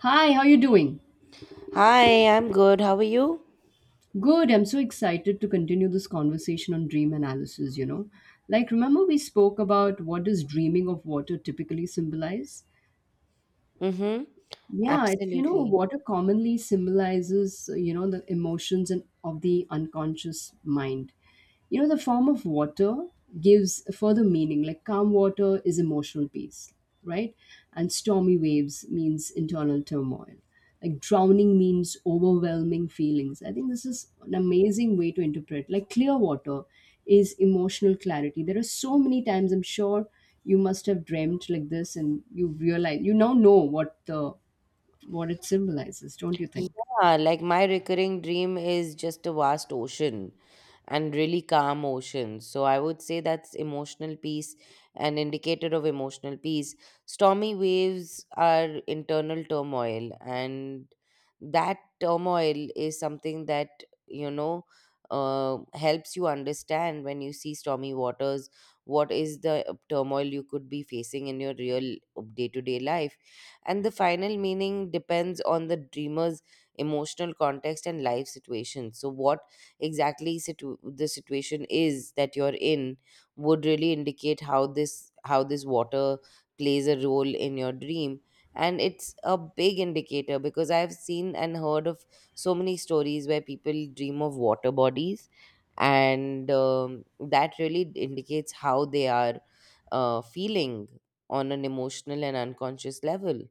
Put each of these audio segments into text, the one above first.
Hi, how you doing? Hi, I'm good. How are you? Good. I'm so excited to continue this conversation on dream analysis, you know. Like remember we spoke about what does dreaming of water typically symbolize? Mm-hmm. Yeah, it's Absolutely. water commonly symbolizes the emotions and of the unconscious mind. You know the form of water gives a further meaning. Like calm water is emotional peace, right? And stormy waves means internal turmoil. Like drowning means overwhelming feelings. I think this is an amazing way to interpret. Like clear water is emotional clarity. There are so many times I'm sure you must have dreamt like this and you realize you now know what the what it symbolizes, don't you think? Yeah, like my recurring dream is just a vast ocean and really calm ocean. So I would say that's emotional peace, an indicator of emotional peace. Stormy waves are internal turmoil, and that turmoil is something that, you know, helps you understand when you see stormy waters. What is the turmoil you could be facing in your real day to day life? And the final meaning depends on the dreamer's emotional context and life situation. So what exactly the situation is that you're in would really indicate how this water plays a role in your dream. And it's a big indicator, because I've seen and heard of so many stories where people dream of water bodies, and that really indicates how they are feeling on an emotional and unconscious level.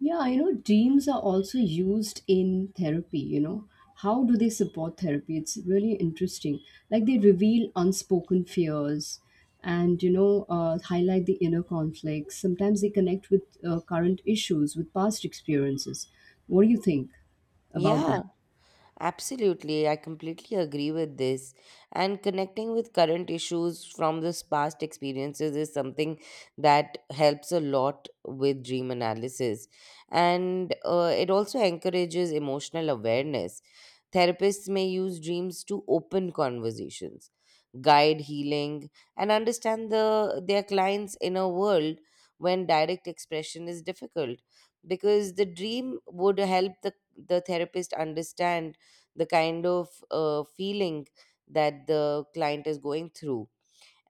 Yeah, you know, dreams are also used in therapy, you know. How do they support therapy? It's really interesting. Like they reveal unspoken fears and, you know, highlight the inner conflicts. Sometimes they connect with current issues, with past experiences. What do you think about that? Yeah. Absolutely, I completely agree with this. And connecting with current issues from this past experiences is something that helps a lot with dream analysis. And it also encourages emotional awareness. Therapists may use dreams to open conversations, guide healing, and understand their clients' inner world when direct expression is difficult, because the dream would help the therapist understand the kind of feeling that the client is going through,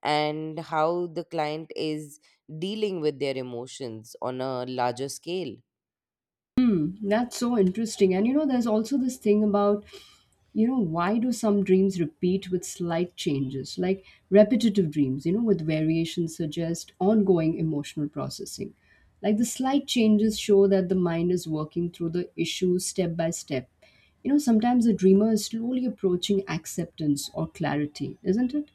and how the client is dealing with their emotions on a larger scale. That's so interesting. And you know, there's also this thing about why do some dreams repeat with slight changes, like repetitive dreams, you know, with variations suggest ongoing emotional processing. Like the slight changes show that the mind is working through the issue step by step. You know, sometimes the dreamer is slowly approaching acceptance or clarity, isn't it?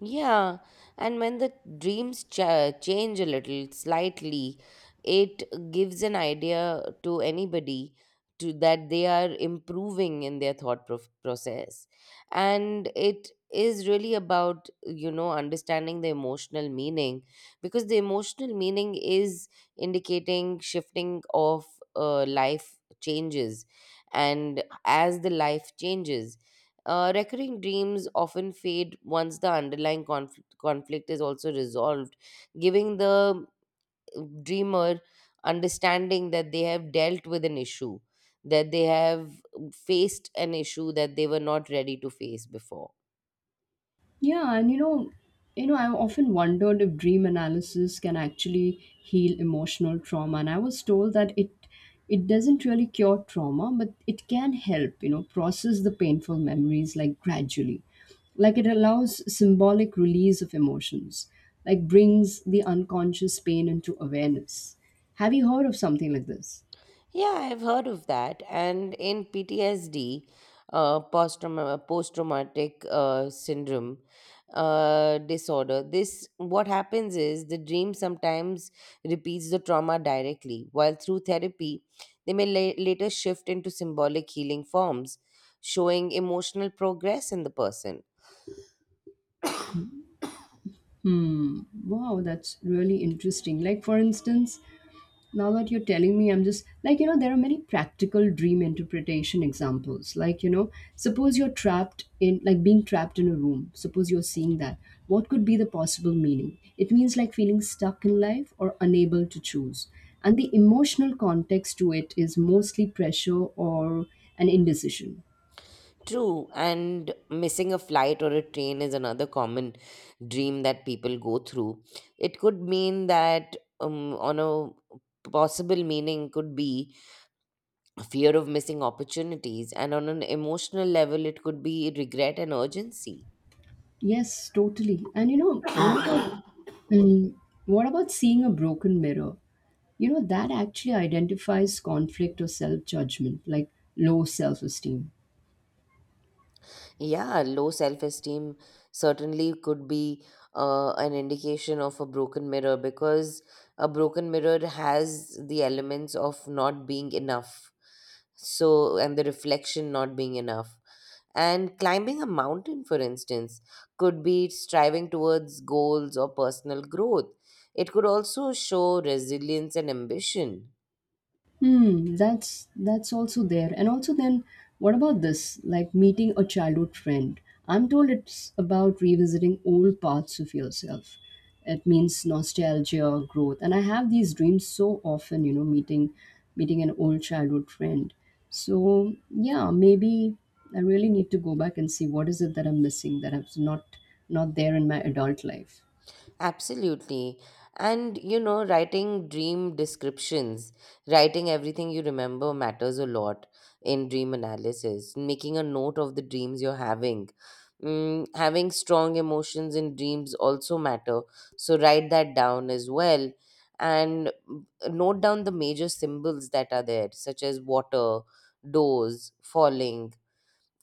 Yeah, and when the dreams change a little, slightly, it gives an idea to anybody to that they are improving in their thought process. And it is really about understanding the emotional meaning, because the emotional meaning is indicating shifting of life changes. And as the life changes, recurring dreams often fade once the underlying conflict is also resolved, giving the dreamer understanding that they have dealt with an issue, that they have faced an issue that they were not ready to face before. Yeah, and you know, I've often wondered if dream analysis can actually heal emotional trauma, and I was told that it doesn't really cure trauma, but it can help, you know, process the painful memories like gradually. Like it allows symbolic release of emotions, like brings the unconscious pain into awareness. Have you heard of something like this? Yeah, I've heard of that. And in PTSD, post-traumatic syndrome disorder, this what happens is the dream sometimes repeats the trauma directly, while through therapy, they may later shift into symbolic healing forms, showing emotional progress in the person. Hmm. Wow, that's really interesting. Like, for instance, now that you're telling me, I'm just like, you know, there are many practical dream interpretation examples, like, you know, suppose you're trapped in, like, being trapped in a room, suppose you're seeing that, what could be the possible meaning? It means like feeling stuck in life or unable to choose, and the emotional context to it is mostly pressure or an indecision. True, and missing a flight or a train is another common dream that people go through. It could mean that, on a possible meaning, could be fear of missing opportunities, and on an emotional level, it could be regret and urgency. Yes, totally. And you know what about mm, what about seeing a broken mirror, you know, that actually identifies conflict or self-judgment, like low self-esteem. Yeah, low self esteem certainly could be an indication of a broken mirror, because a broken mirror has the elements of not being enough. So, and the reflection not being enough. And climbing a mountain, for instance, could be striving towards goals or personal growth. It could also show resilience and ambition. Hmm, that's also there. And also then what about this, like meeting a childhood friend? I'm told it's about revisiting old parts of yourself. It means nostalgia, growth, and I have these dreams so often, you know, meeting an old childhood friend. So yeah, maybe I really need to go back and see what is it that I'm missing, that I'm not there in my adult life. Absolutely. And writing dream descriptions, writing everything you remember matters a lot in dream analysis. Making a note of the dreams you're having. Having strong emotions in dreams also matter. So write that down as well. And note down the major symbols that are there, such as water, doors, falling,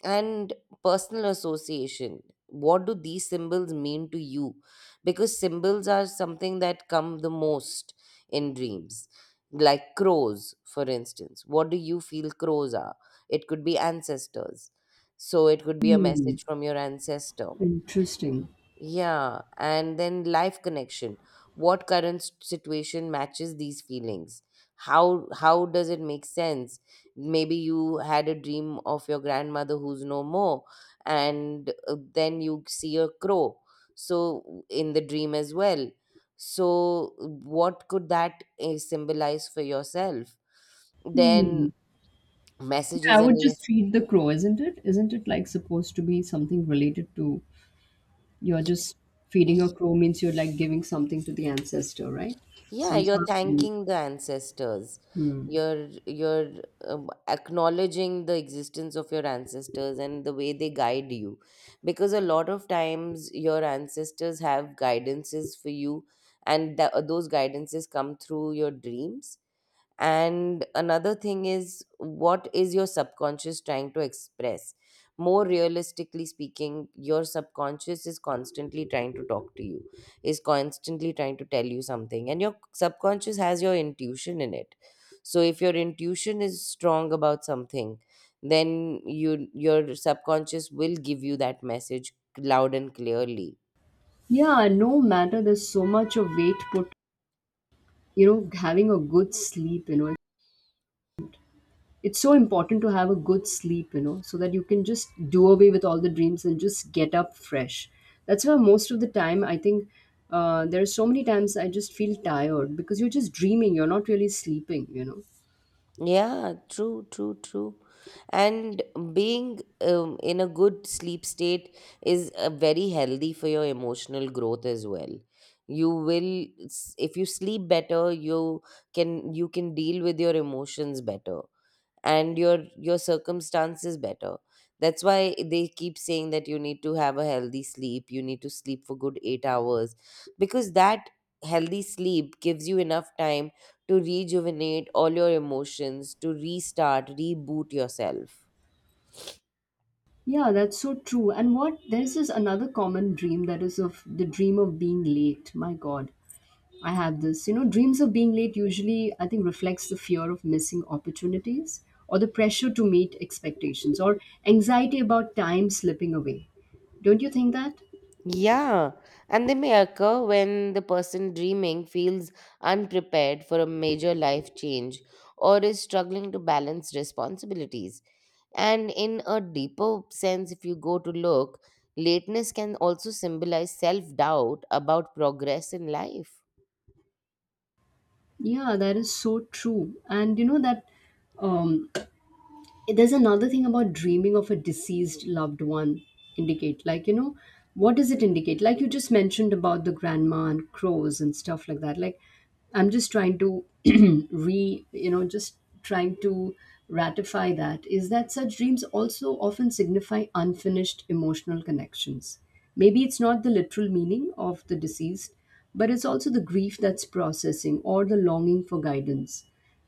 and personal association. What do these symbols mean to you? Because symbols are something that come the most in dreams. Like crows, for instance, what do you feel crows are? It could be ancestors. So it could be a Hmm, message from your ancestor. interesting. Yeah, and then life connection. What current situation matches these feelings? How does it make sense? Maybe you had a dream of your grandmother who's no more, and then you see a crow. So in the dream as well. So what could that symbolize for yourself? Then Hmm. Yeah, messages I and would just lists. feed the crow, isn't it? Isn't it like supposed to be something related to, you're just, feeding a crow means you're like giving something to the ancestor, right? Yeah, Some you're sort of belief. thanking the ancestors. You're acknowledging the existence of your ancestors and the way they guide you, because a lot of times your ancestors have guidances for you, and those guidances come through your dreams. And another thing is, what is your subconscious trying to express? More realistically speaking, your subconscious is constantly trying to talk to you, is constantly trying to tell you something. And your subconscious has your intuition in it. So if your intuition is strong about something, then your subconscious will give you that message loud and clearly. Yeah, no matter, there's so much of weight put, you know, having a good sleep, you know. It's so important to have a good sleep, you know, so that you can just do away with all the dreams and just get up fresh. That's why most of the time, I think there are so many times I just feel tired because you're just dreaming, you're not really sleeping, you know. Yeah, true, true, true. And being in a good sleep state is very healthy for your emotional growth as well. If you sleep better, you can deal with your emotions better, and your circumstance is better. That's why they keep saying that you need to have a healthy sleep. You need to sleep for good 8 hours, because that healthy sleep gives you enough time to rejuvenate all your emotions, to restart reboot yourself. Yeah, that's so true. And what, there's this another common dream that is of the dream of being late. My God. I had this. You know, dreams of being late usually, I think, reflects the fear of missing opportunities or the pressure to meet expectations or anxiety about time slipping away. Don't you think that? Yeah, and they may occur when the person dreaming feels unprepared for a major life change or is struggling to balance responsibilities. And in a deeper sense, if you go to look, lateness can also symbolize self doubt about progress in life. Yeah, that is so true. And you know that um, there's another thing about dreaming of a deceased loved one indicate, like, you know, what does it indicate, like you just mentioned about the grandma and crows and stuff like that. Like, I'm just trying to re, you know, just trying to ratify that, is that such dreams also often signify unfinished emotional connections? Maybe it's not the literal meaning of the deceased, but it's also the grief that's processing or the longing for guidance.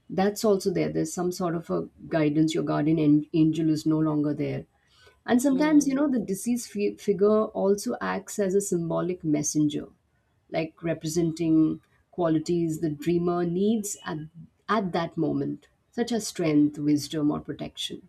That's also there. There's some sort of a guidance, your guardian angel is no longer there. And sometimes, you know, the deceased figure also acts as a symbolic messenger, like representing qualities the dreamer needs at that moment, such as strength, wisdom, or protection.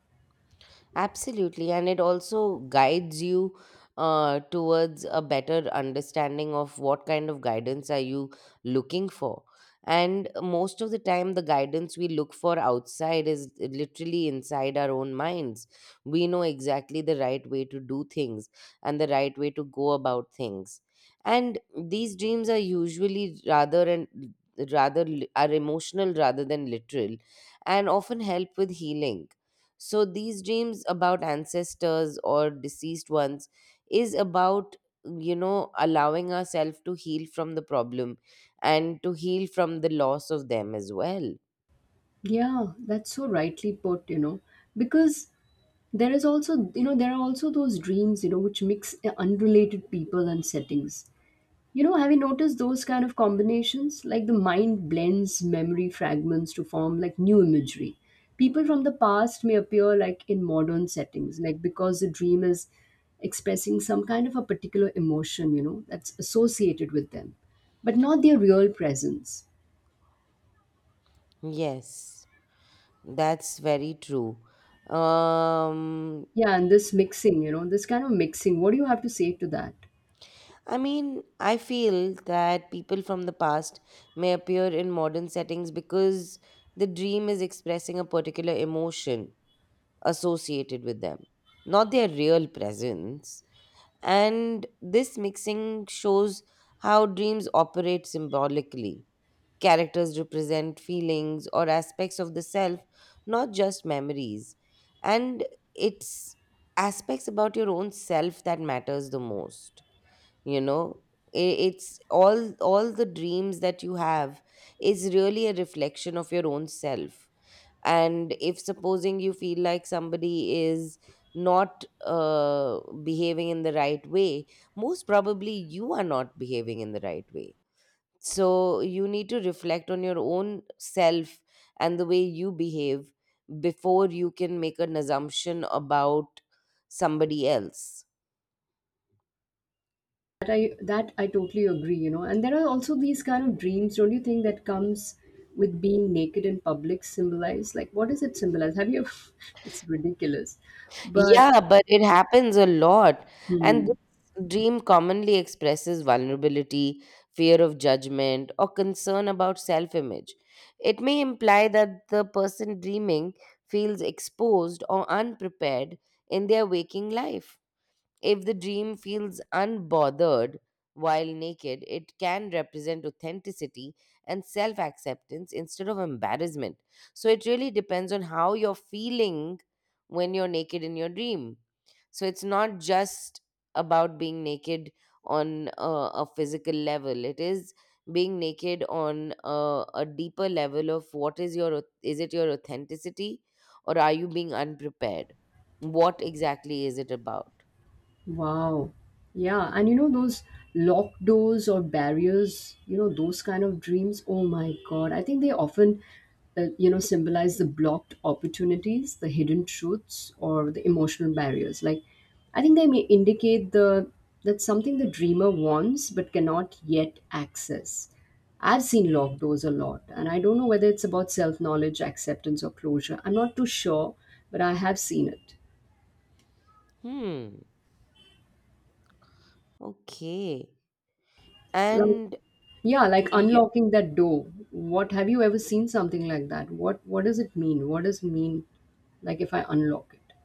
Absolutely, and it also guides you towards a better understanding of what kind of guidance are you looking for. And most of the time, the guidance we look for outside is literally inside our own minds. We know exactly the right way to do things and the right way to go about things. And these dreams are usually rather and rather li- are emotional rather than literal, and often help with healing. So these dreams about ancestors or deceased ones is about allowing ourselves to heal from the problem, and to heal from the loss of them as well. Yeah, that's so rightly put, you know, because there is also, you know, there are also those dreams, you know, which mix unrelated people and settings. You know, have you noticed those kind of combinations? Like the mind blends memory fragments to form like new imagery. People from the past may appear like in modern settings, like because the dream is expressing some kind of a particular emotion, you know, that's associated with them, but not their real presence. Yes, that's very true. Um Yeah, and this mixing, you know, this kind of mixing, what do you have to say to that? I mean, I feel that people from the past may appear in modern settings because the dream is expressing a particular emotion associated with them, not their real presence. And this mixing shows how dreams operate symbolically. Characters represent feelings or aspects of the self, not just memories. And it's aspects about your own self that matters the most. You know, it's all the dreams that you have is really a reflection of your own self. And if supposing you feel like somebody is not behaving in the right way, most probably you are not behaving in the right way. So you need to reflect on your own self and the way you behave before you can make an assumption about somebody else. That I that I totally agree, you know. And there are also these kind of dreams, don't you think, that comes with being naked in public symbolized. Like what does it symbolize? Have you it's ridiculous, but Yeah, but it happens a lot. And hmm. this dream commonly expresses vulnerability, fear of judgment, or concern about self image. It may imply that the person dreaming feels exposed or unprepared in their waking life. If the dream feels unbothered while naked, it can represent authenticity and self acceptance instead of embarrassment. So it really depends on how you're feeling when you're naked in your dream. So it's not just about being naked on a physical level. It is being naked on a deeper level of what is your is it your authenticity, or are you being unprepared? What exactly is it about? Wow. Yeah. And you know, those locked doors or barriers, you know, those kind of dreams. Oh my God. I think they often, you know, symbolize the blocked opportunities, the hidden truths, or the emotional barriers. Like, I think they may indicate the that something the dreamer wants but cannot yet access. I've seen locked doors a lot, and I don't know whether it's about self knowledge, acceptance, or closure. I'm not too sure, but I have seen it. Hmm. Okay. Like, And yeah, like you, unlocking that door. What, have you ever seen something like that? What does it mean? What does it mean like if I unlock it?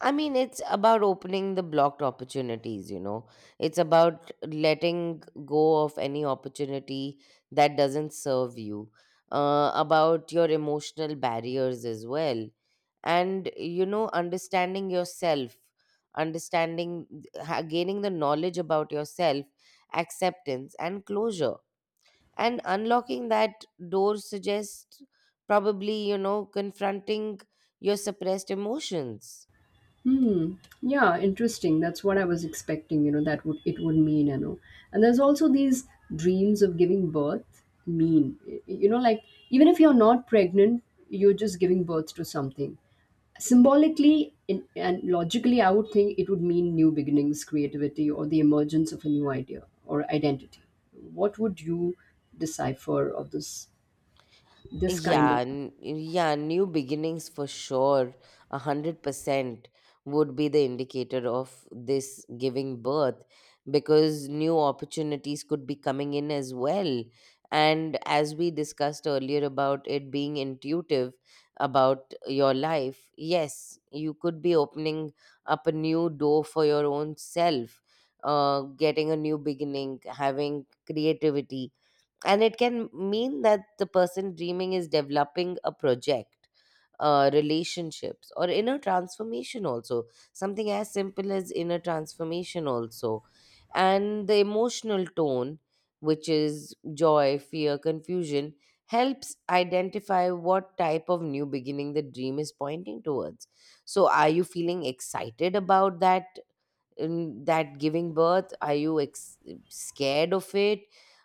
I mean, it's about opening the blocked opportunities. It's about letting go of any opportunity that doesn't serve you, about your emotional barriers as well. And understanding yourself, understanding, gaining the knowledge about yourself, acceptance, and closure. And unlocking that door suggests, probably confronting your suppressed emotions. Hmm. Yeah, interesting. That's what I was expecting, you know, that would it would mean, you know. And there's also these dreams of giving birth mean. You know, like even if you're not pregnant, you're just giving birth to something. Symbolically and logically, I would think it would mean new beginnings, creativity, or the emergence of a new idea or identity. What would you decipher of this kind Yeah, of? n- yeah, new beginnings for sure. 100% would be the indicator of this giving birth, because new opportunities could be coming in as well. And as we discussed earlier about it being intuitive about your life, yes, you could be opening up a new door for your own self, getting a new beginning, having creativity. And it can mean that the person dreaming is developing a project, relationships, or inner transformation also. Something as simple as inner transformation also. And the emotional tone, which is joy, fear, confusion, helps identify what type of new beginning the dream is pointing towards. So are you feeling excited about that? In that giving birth, are you scared of it?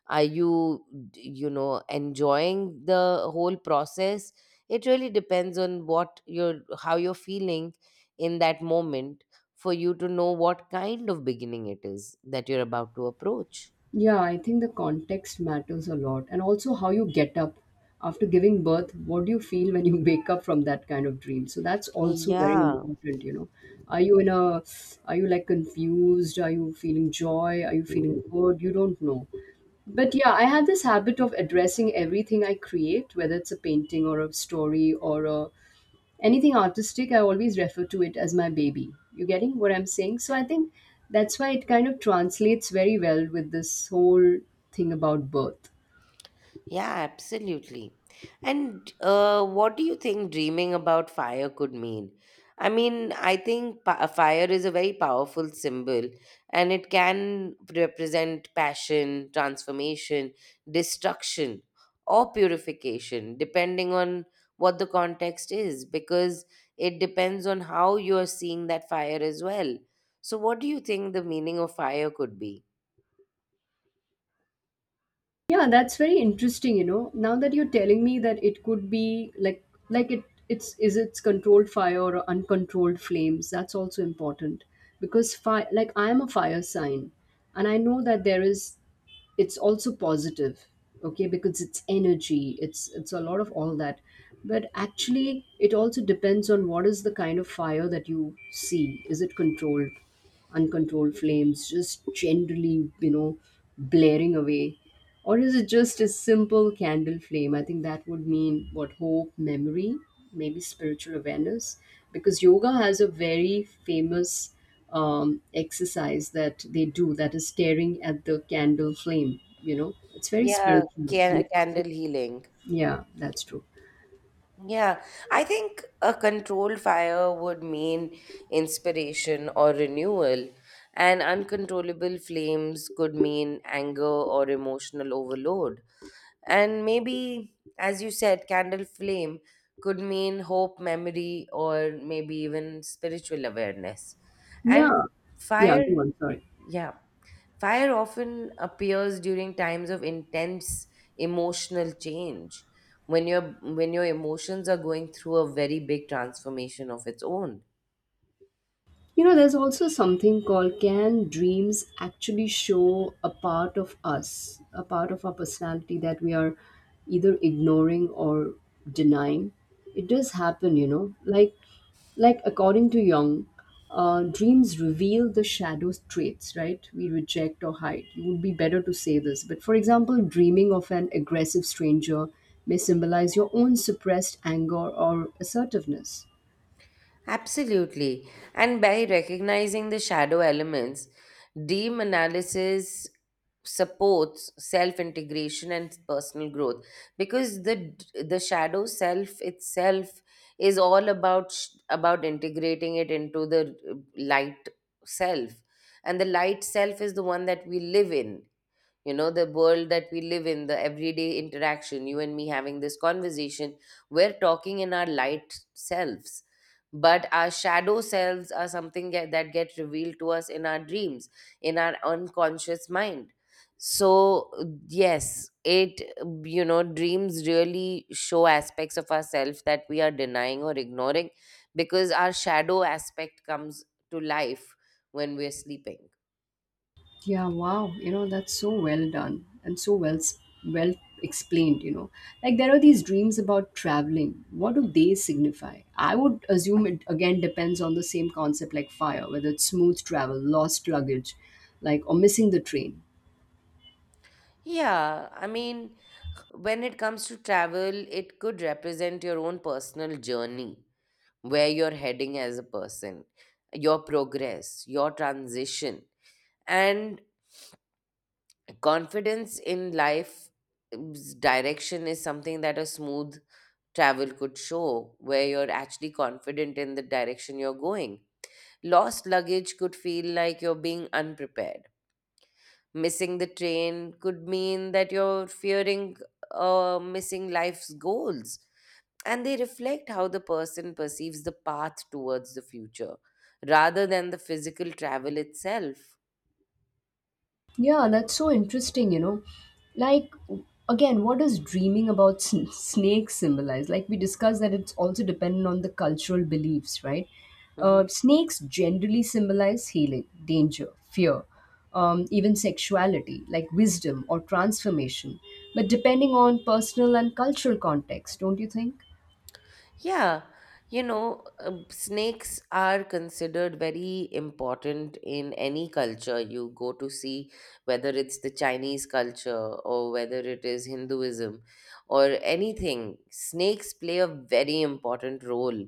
Are you d- you know enjoying the whole process? It really depends on what you're how you're feeling in that moment for you to know what kind of beginning it is that you're about to approach. Yeah, I think the context matters a lot, and also how you get up after giving birth. What do you feel when you wake up from that kind of dream? So that's also very Yeah. important, you know. Are you in a, are you like confused? Are you feeling joy? Are you feeling good? You don't know. But yeah, I had this habit of addressing everything I create, whether it's a painting or a story or a, anything artistic, I always refer to it as my baby. You getting what I'm saying? So I think that's why it kind of translates very well with this whole thing about birth. Yeah, absolutely. And what do you think dreaming about fire could mean? I mean, I think fire is a very powerful symbol, and it can represent passion, transformation, destruction, or purification, depending on what the context is, because it depends on how you are seeing that fire as well. So, what do you think the meaning of fire could be? Yeah, that's very interesting, you know. Now that you're telling me that it could be like it it's is it's controlled fire or uncontrolled flames. That's also important because fire, like I am a fire sign and I know that there is, it's also positive, okay, because it's energy, it's a lot of all that. But actually it also depends on what is the kind of fire that you see. Is it controlled? Uncontrolled flames, just generally, you know, blaring away, or is it just a simple candle flame? I think that would mean what, hope, memory, maybe spiritual awareness. Because yoga has a very famous exercise that they do that is staring at the candle flame. You know, it's very Yeah, spiritual. And it's candle also, healing. yeah, that's true. Yeah, I think a controlled fire would mean inspiration or renewal, and uncontrollable flames could mean anger or emotional overload. And maybe, as you said, candle flame could mean hope, memory, or maybe even spiritual awareness. And Yeah, yeah, fire, go on. Sorry. yeah. Fire often appears during times of intense emotional change, when your emotions are going through a very big transformation of its own. You know, there's also something called, can dreams actually show a part of us, a part of our personality that we are either ignoring or denying? It does happen, you know. Like according to Jung, dreams reveal the shadow traits, right? We reject or hide. It would be better to say this. But for example, dreaming of an aggressive stranger may symbolize your own suppressed anger or assertiveness. Absolutely. And by recognizing the shadow elements, dream analysis supports self integration and personal growth because the shadow self itself is all about about integrating it into the light self, and the light self is the one that we live in, you know, the world that we live in, the everyday interaction, you and me having this conversation. We're talking in our light selves, but our shadow selves are something that get revealed to us in our dreams, in our unconscious mind. So yes, it you know, dreams really show aspects of ourselves that we are denying or ignoring, because our shadow aspect comes to life when we're sleeping. Yeah, wow. You know, that's so well done and so well well explained, you know. Like there are these dreams about traveling. What do they signify? I would assume it again depends on the same concept like fire, whether it's smooth travel, lost luggage, like or missing the train. Yeah i mean when it comes to travel, it could represent your own personal journey, where you're heading as a person, your progress, your transition, and confidence in life direction is something that a smooth travel could show, where you're actually confident in the direction you're going. Lost luggage could feel like you're being unprepared. Missing the train could mean that you're fearing missing life's goals, and they reflect how the person perceives the path towards the future rather than the physical travel itself. Yeah, that's so interesting, you know. Like, again, what does dreaming about snakes symbolize? Like, we discussed that it's also dependent on the cultural beliefs, right? Mhm. Snakes generally symbolize healing, danger, fear, even sexuality, like wisdom or transformation, but depending on personal and cultural context, don't you think? Yeah, you know, snakes are considered very important in any culture you go to see, whether it's the Chinese culture or whether it is Hinduism or anything. Snakes play a very important role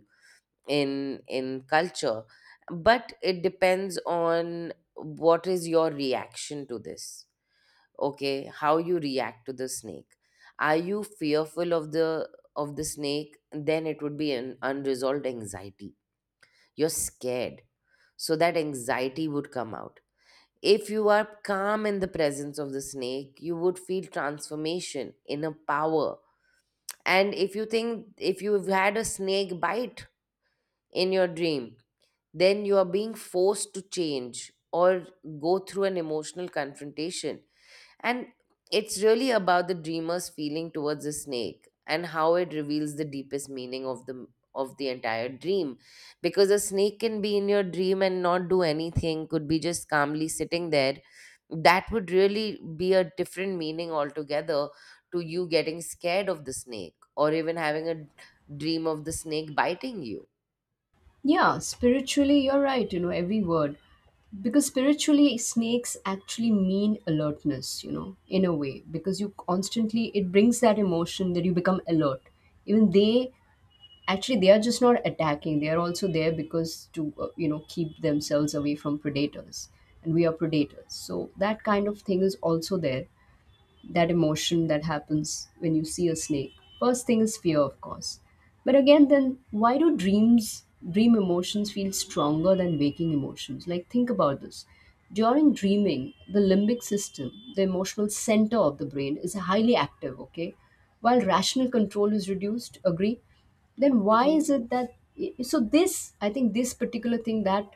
in culture, but it depends on what is your reaction to this. Okay, how you react to the snake. Are you fearful of the snake? Then it would be an unresolved anxiety. You're scared, so that anxiety would come out. If you are calm in the presence of the snake, you would feel transformation, inner power. And if you think if you've had a snake bite in your dream, then you are being forced to change or go through an emotional confrontation. And it's really about the dreamer's feeling towards the snake and how it reveals the deepest meaning of the entire dream, because a snake can be in your dream and not do anything, could be just calmly sitting there. That would really be a different meaning altogether to you getting scared of the snake, or even having a dream of the snake biting you. Yeah, spiritually, you're right, you know, every word. Because spiritually, snakes actually mean alertness, you know, in a way, because you constantly, it brings that emotion that you become alert. Even they, actually, they are just not attacking, they are also there because to, you know, keep themselves away from predators. And we are predators. So that kind of thing is also there, that emotion that happens when you see a snake. First thing is fear, of course. But again, then why do dreams, dream emotions feel stronger than waking emotions? Like, think about this. During dreaming, the limbic system, the emotional center of the brain, is highly active, okay? While rational control is reduced, agree? Then why is it that, so this I think this particular thing that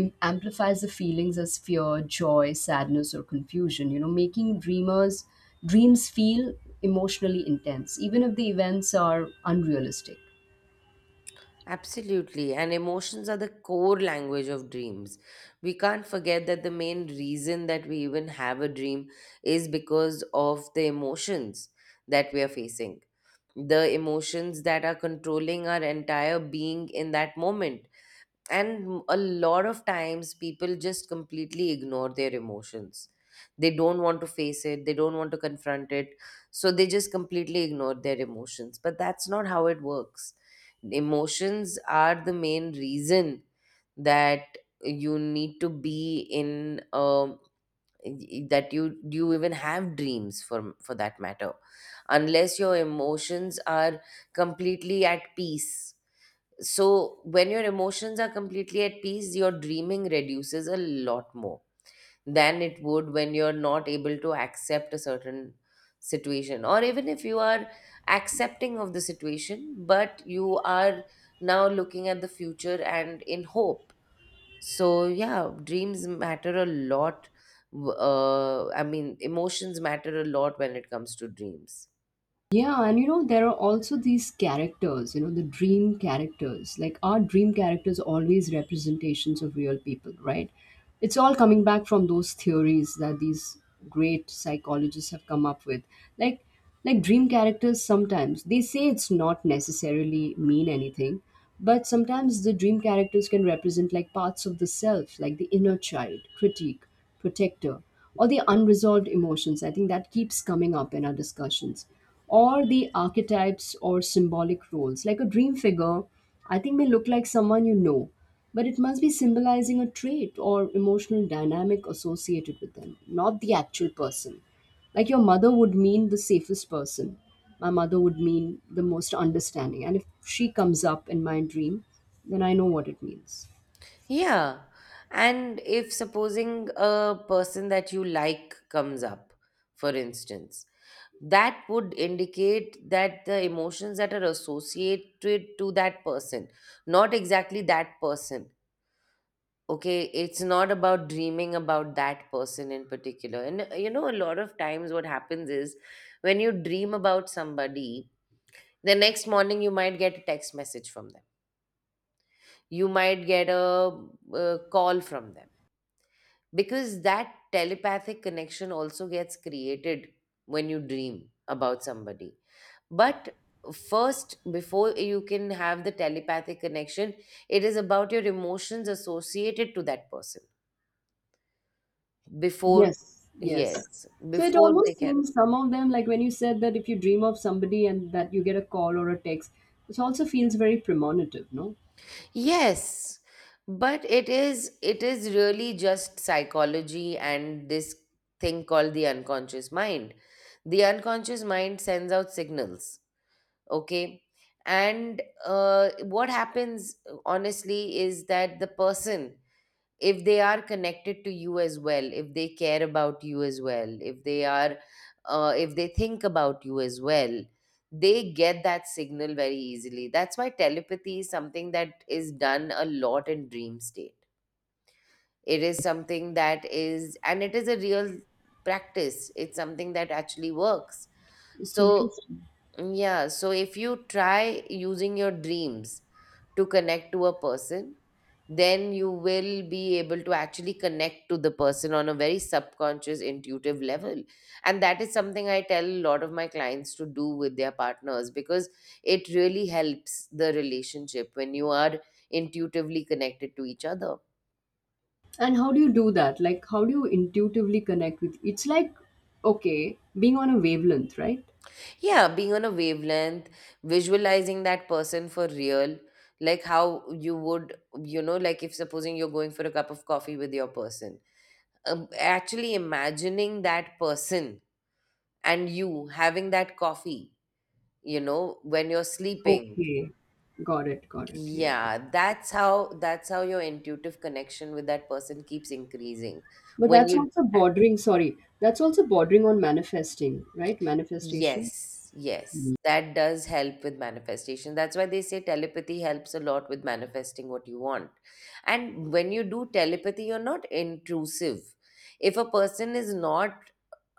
amplifies the feelings as fear, joy, sadness, or confusion, you know, making dreamers dreams feel emotionally intense even if the events are unrealistic. Absolutely, and emotions are the core language of dreams. We can't forget that the main reason that we even have a dream is because of the emotions that we are facing, the emotions that are controlling our entire being in that moment. And a lot of times people just completely ignore their emotions. They don't want to face it, they don't want to confront it, so they just completely ignore their emotions, but that's not how it works. Emotions are the main reason that you need to be in that you even have dreams, for that matter, unless your emotions are completely at peace. So when your emotions are completely at peace, your dreaming reduces a lot more than it would when you're not able to accept a certain situation, or even if you are accepting of the situation but you are now looking at the future and in hope. So yeah, dreams matter a lot. I mean, emotions matter a lot when it comes to dreams. Yeah, and you know, there are also these characters, you know, the dream characters. Like, our dream characters always representations of real people, right? It's all coming back from those theories that these great psychologists have come up with. Like, like dream characters, sometimes they say it's not necessarily mean anything, but sometimes the dream characters can represent like parts of the self, like the inner child, critique, protector, or the unresolved emotions. I think that keeps coming up in our discussions, or the archetypes or symbolic roles. Like a dream figure, I think may look like someone you know, but it must be symbolizing a trait or emotional dynamic associated with them, not the actual person. Like your mother would mean the safest person. My mother would mean the most understanding. And if she comes up in my dream, then I know what it means. Yeah. And if supposing a person that you like comes up, for instance, that would indicate that the emotions that are associated to that person, not exactly that person. Okay, it's not about dreaming about that person in particular. And you know, a lot of times what happens is when you dream about somebody, the next morning you might get a text message from them, you might get a, call from them, because that telepathic connection also gets created when you dream about somebody. But first, before you can have the telepathic connection, it is about your emotions associated to that person before. Yes, yes. Yes, So it before they almost can. seems some of them, like when you said that if you dream of somebody and that you get a call or a text, it also feels very premonitive, no? Yes, but it is really just psychology and this thing called the unconscious mind. The unconscious mind sends out signals, okay? And what happens honestly is that the person, if they are connected to you as well, if they care about you as well, if they are if they think about you as well, they get that signal very easily. That's why telepathy is something that is done a lot in dream state. It is something that is, and it is a real practice, it's something that actually works. It's So interesting. yeah, so if you try using your dreams to connect to a person, then you will be able to actually connect to the person on a very subconscious, intuitive level. And that is something I tell a lot of my clients to do with their partners, because it really helps the relationship when you are intuitively connected to each other. And how do you do that? Like, how do you intuitively connect with? It's like, okay, being on a wavelength, right? Yeah, being on a wavelength, visualizing that person for real, like how you would, you know, like if supposing you're going for a cup of coffee with your person, actually imagining that person and you having that coffee, you know, when you're sleeping. Okay, got it, yeah. Yeah, that's how, that's how your intuitive connection with that person keeps increasing But when that's you. also bordering, sorry, that's also bordering on manifesting, right? Manifestation. Yes, yes, that does help with manifestation. That's why they say telepathy helps a lot with manifesting what you want. And when you do telepathy, you're not intrusive. If a person is not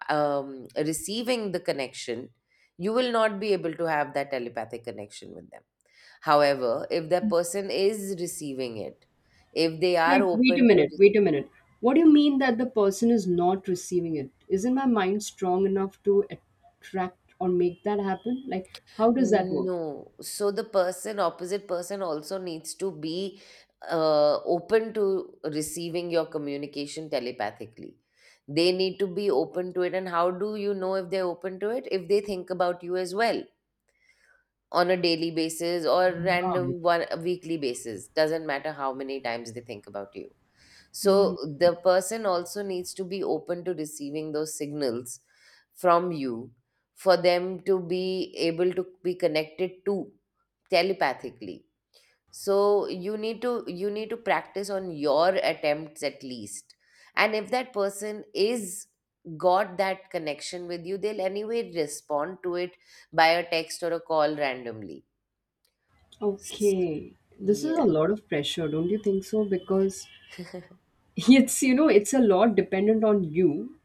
receiving the connection, you will not be able to have that telepathic connection with them. However, if that person is receiving it, if they are Like, wait a open to. minute, wait a minute. What do you mean that the person is not receiving it? Isn't my mind strong enough to attract or make that happen? Like, how does that work? No. So the person, opposite person, also needs to be open to receiving your communication telepathically. They need to be open to it. And how do you know if they're open to it? If they think about you as well on a daily basis, or random one a weekly basis. Doesn't matter how many times they think about you. So My, the person also needs to be open to receiving those signals from you for them to be able to be connected to telepathically. So you need to practice on your attempts at least. And if that person is got that connection with you, they'll anyway respond to it by a text or a call randomly. S- okay. This is a Yeah. lot of pressure, don't you think so? Because it's, you know, it's a lot dependent on you.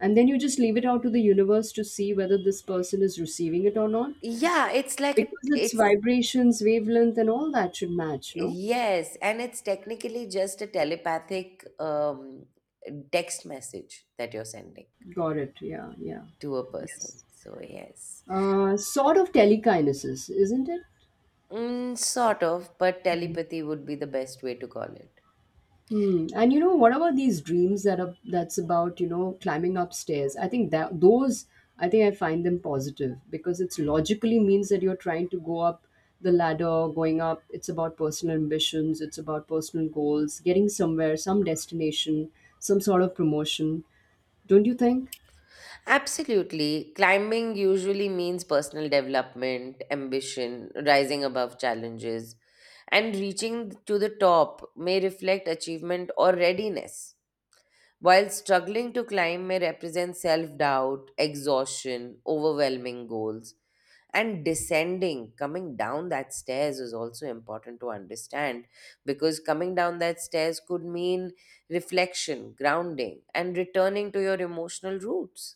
And then you just leave it out to the universe to see whether this person is receiving it or not. Yeah, it's like a, Because it's it's vibrations, wavelength, and all that should match, no? yes, and it's technically just a telepathic text message that you're sending Got it. Yeah, yeah. to a person. Yes. So, yes. Sort of telekinesis, isn't it? Mm, sort of, but telepathy would be the best way to call it. Hmm. And you know, what about these dreams that are that's about, you know, climbing upstairs? I think that those, I think I find them positive because it's logically means that you're trying to go up the ladder, going up. It's about personal ambitions. It's about personal goals, getting somewhere, some destination, some sort of promotion. Don't you think? Absolutely. Climbing usually means personal development, ambition, rising above challenges, and reaching to the top may reflect achievement or readiness, while struggling to climb may represent self doubt, exhaustion, overwhelming goals. And descending, coming down that stairs, is also important to understand, because coming down that stairs could mean reflection, grounding, and returning to your emotional roots.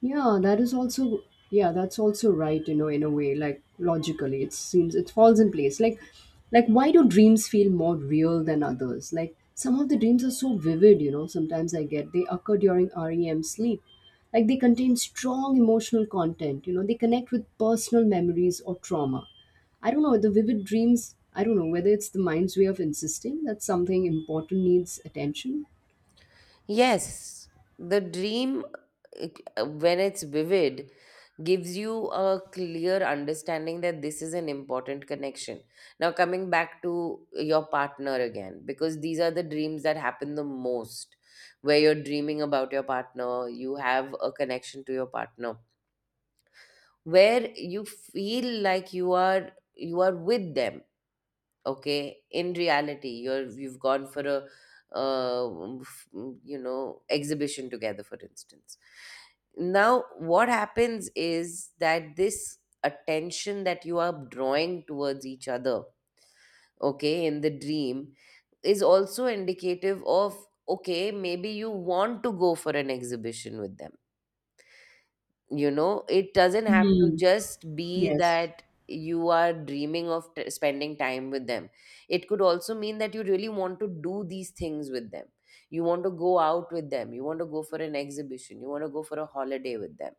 Yeah, that is also, yeah, that's also right, you know, in a way, like logically it seems it falls in place. Like why do dreams feel more real than others? Like some of the dreams are so vivid, you know, sometimes I get they occur during REM sleep. Like they contain strong emotional content, you know, they connect with personal memories or trauma. I don't know, the vivid dreams, I don't know whether it's the mind's way of insisting that something important needs attention. Yes, the dream, when it's vivid, gives you a clear understanding that this is an important connection. Now, coming back to your partner again, because these are the dreams that happen the most, where you're dreaming about your partner, you have a connection to your partner, where you feel like you are with them. Okay, in reality you're, you've gone for a uh, f- you know, exhibition together, for instance. Now what happens is that this attention that you are drawing towards each other, okay, in the dream, is also indicative of, okay, maybe you want to go for an exhibition with them. You know, it doesn't have to Hmm. just be Yes. that you are dreaming of spending time with them. It could also mean that you really want to do these things with them. You want to go out with them. You want to go for an exhibition. You want to go for a holiday with them.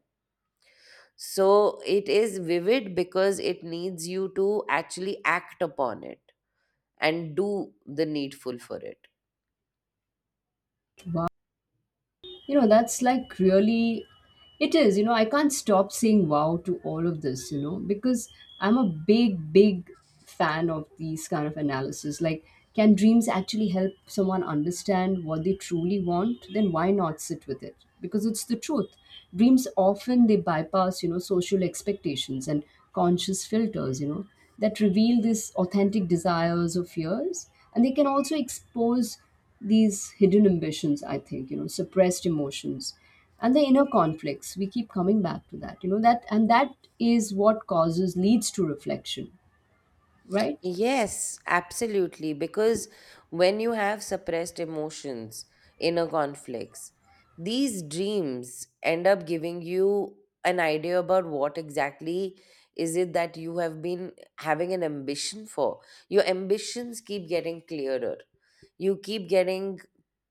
So it is vivid because it needs you to actually act upon it and do the needful for it. Wow. You know, that's like really, it is, you know, I can't stop saying wow to all of this, you know, because I'm a big fan of these kind of analysis. Like, can dreams actually help someone understand what they truly want? Then why not sit with it? Because it's the truth. Dreams often, they bypass, you know, social expectations and conscious filters, you know, that reveal these authentic desires or fears, and they can also expose these hidden ambitions, I think, you know, suppressed emotions and the inner conflicts. We keep coming back to that, you know, that, and that is what causes, leads to reflection, right? Yes, absolutely. Because when you have suppressed emotions, inner conflicts, these dreams end up giving you an idea about what exactly is it that you have been having an ambition for. Your ambitions keep getting clearer. You keep getting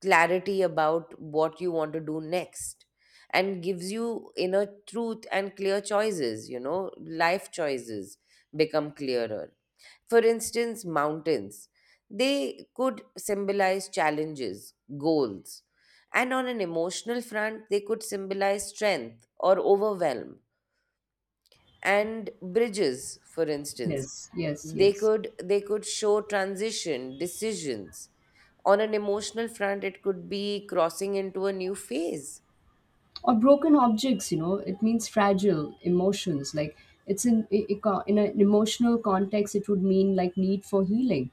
clarity about what you want to do next, and gives you inner truth and clear choices, you know, life choices become clearer. For instance, mountains. They could symbolize challenges, goals, and on an emotional front, they could symbolize strength or overwhelm. And bridges, for instance, Yes, yes, they yes. could they could show transition, decisions. On an emotional front, it could be crossing into a new phase. Or broken objects, you know, it means fragile emotions. Like, it's in, in an emotional context it would mean like need for healing.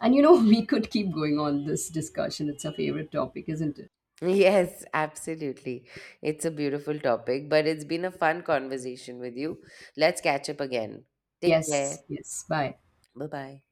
And you know, we could keep going on this discussion. It's a favorite topic, isn't it? Yes, absolutely. It's a beautiful topic, but it's been a fun conversation with you. Let's catch up again. Take care. Yes, yes, bye. Bye bye.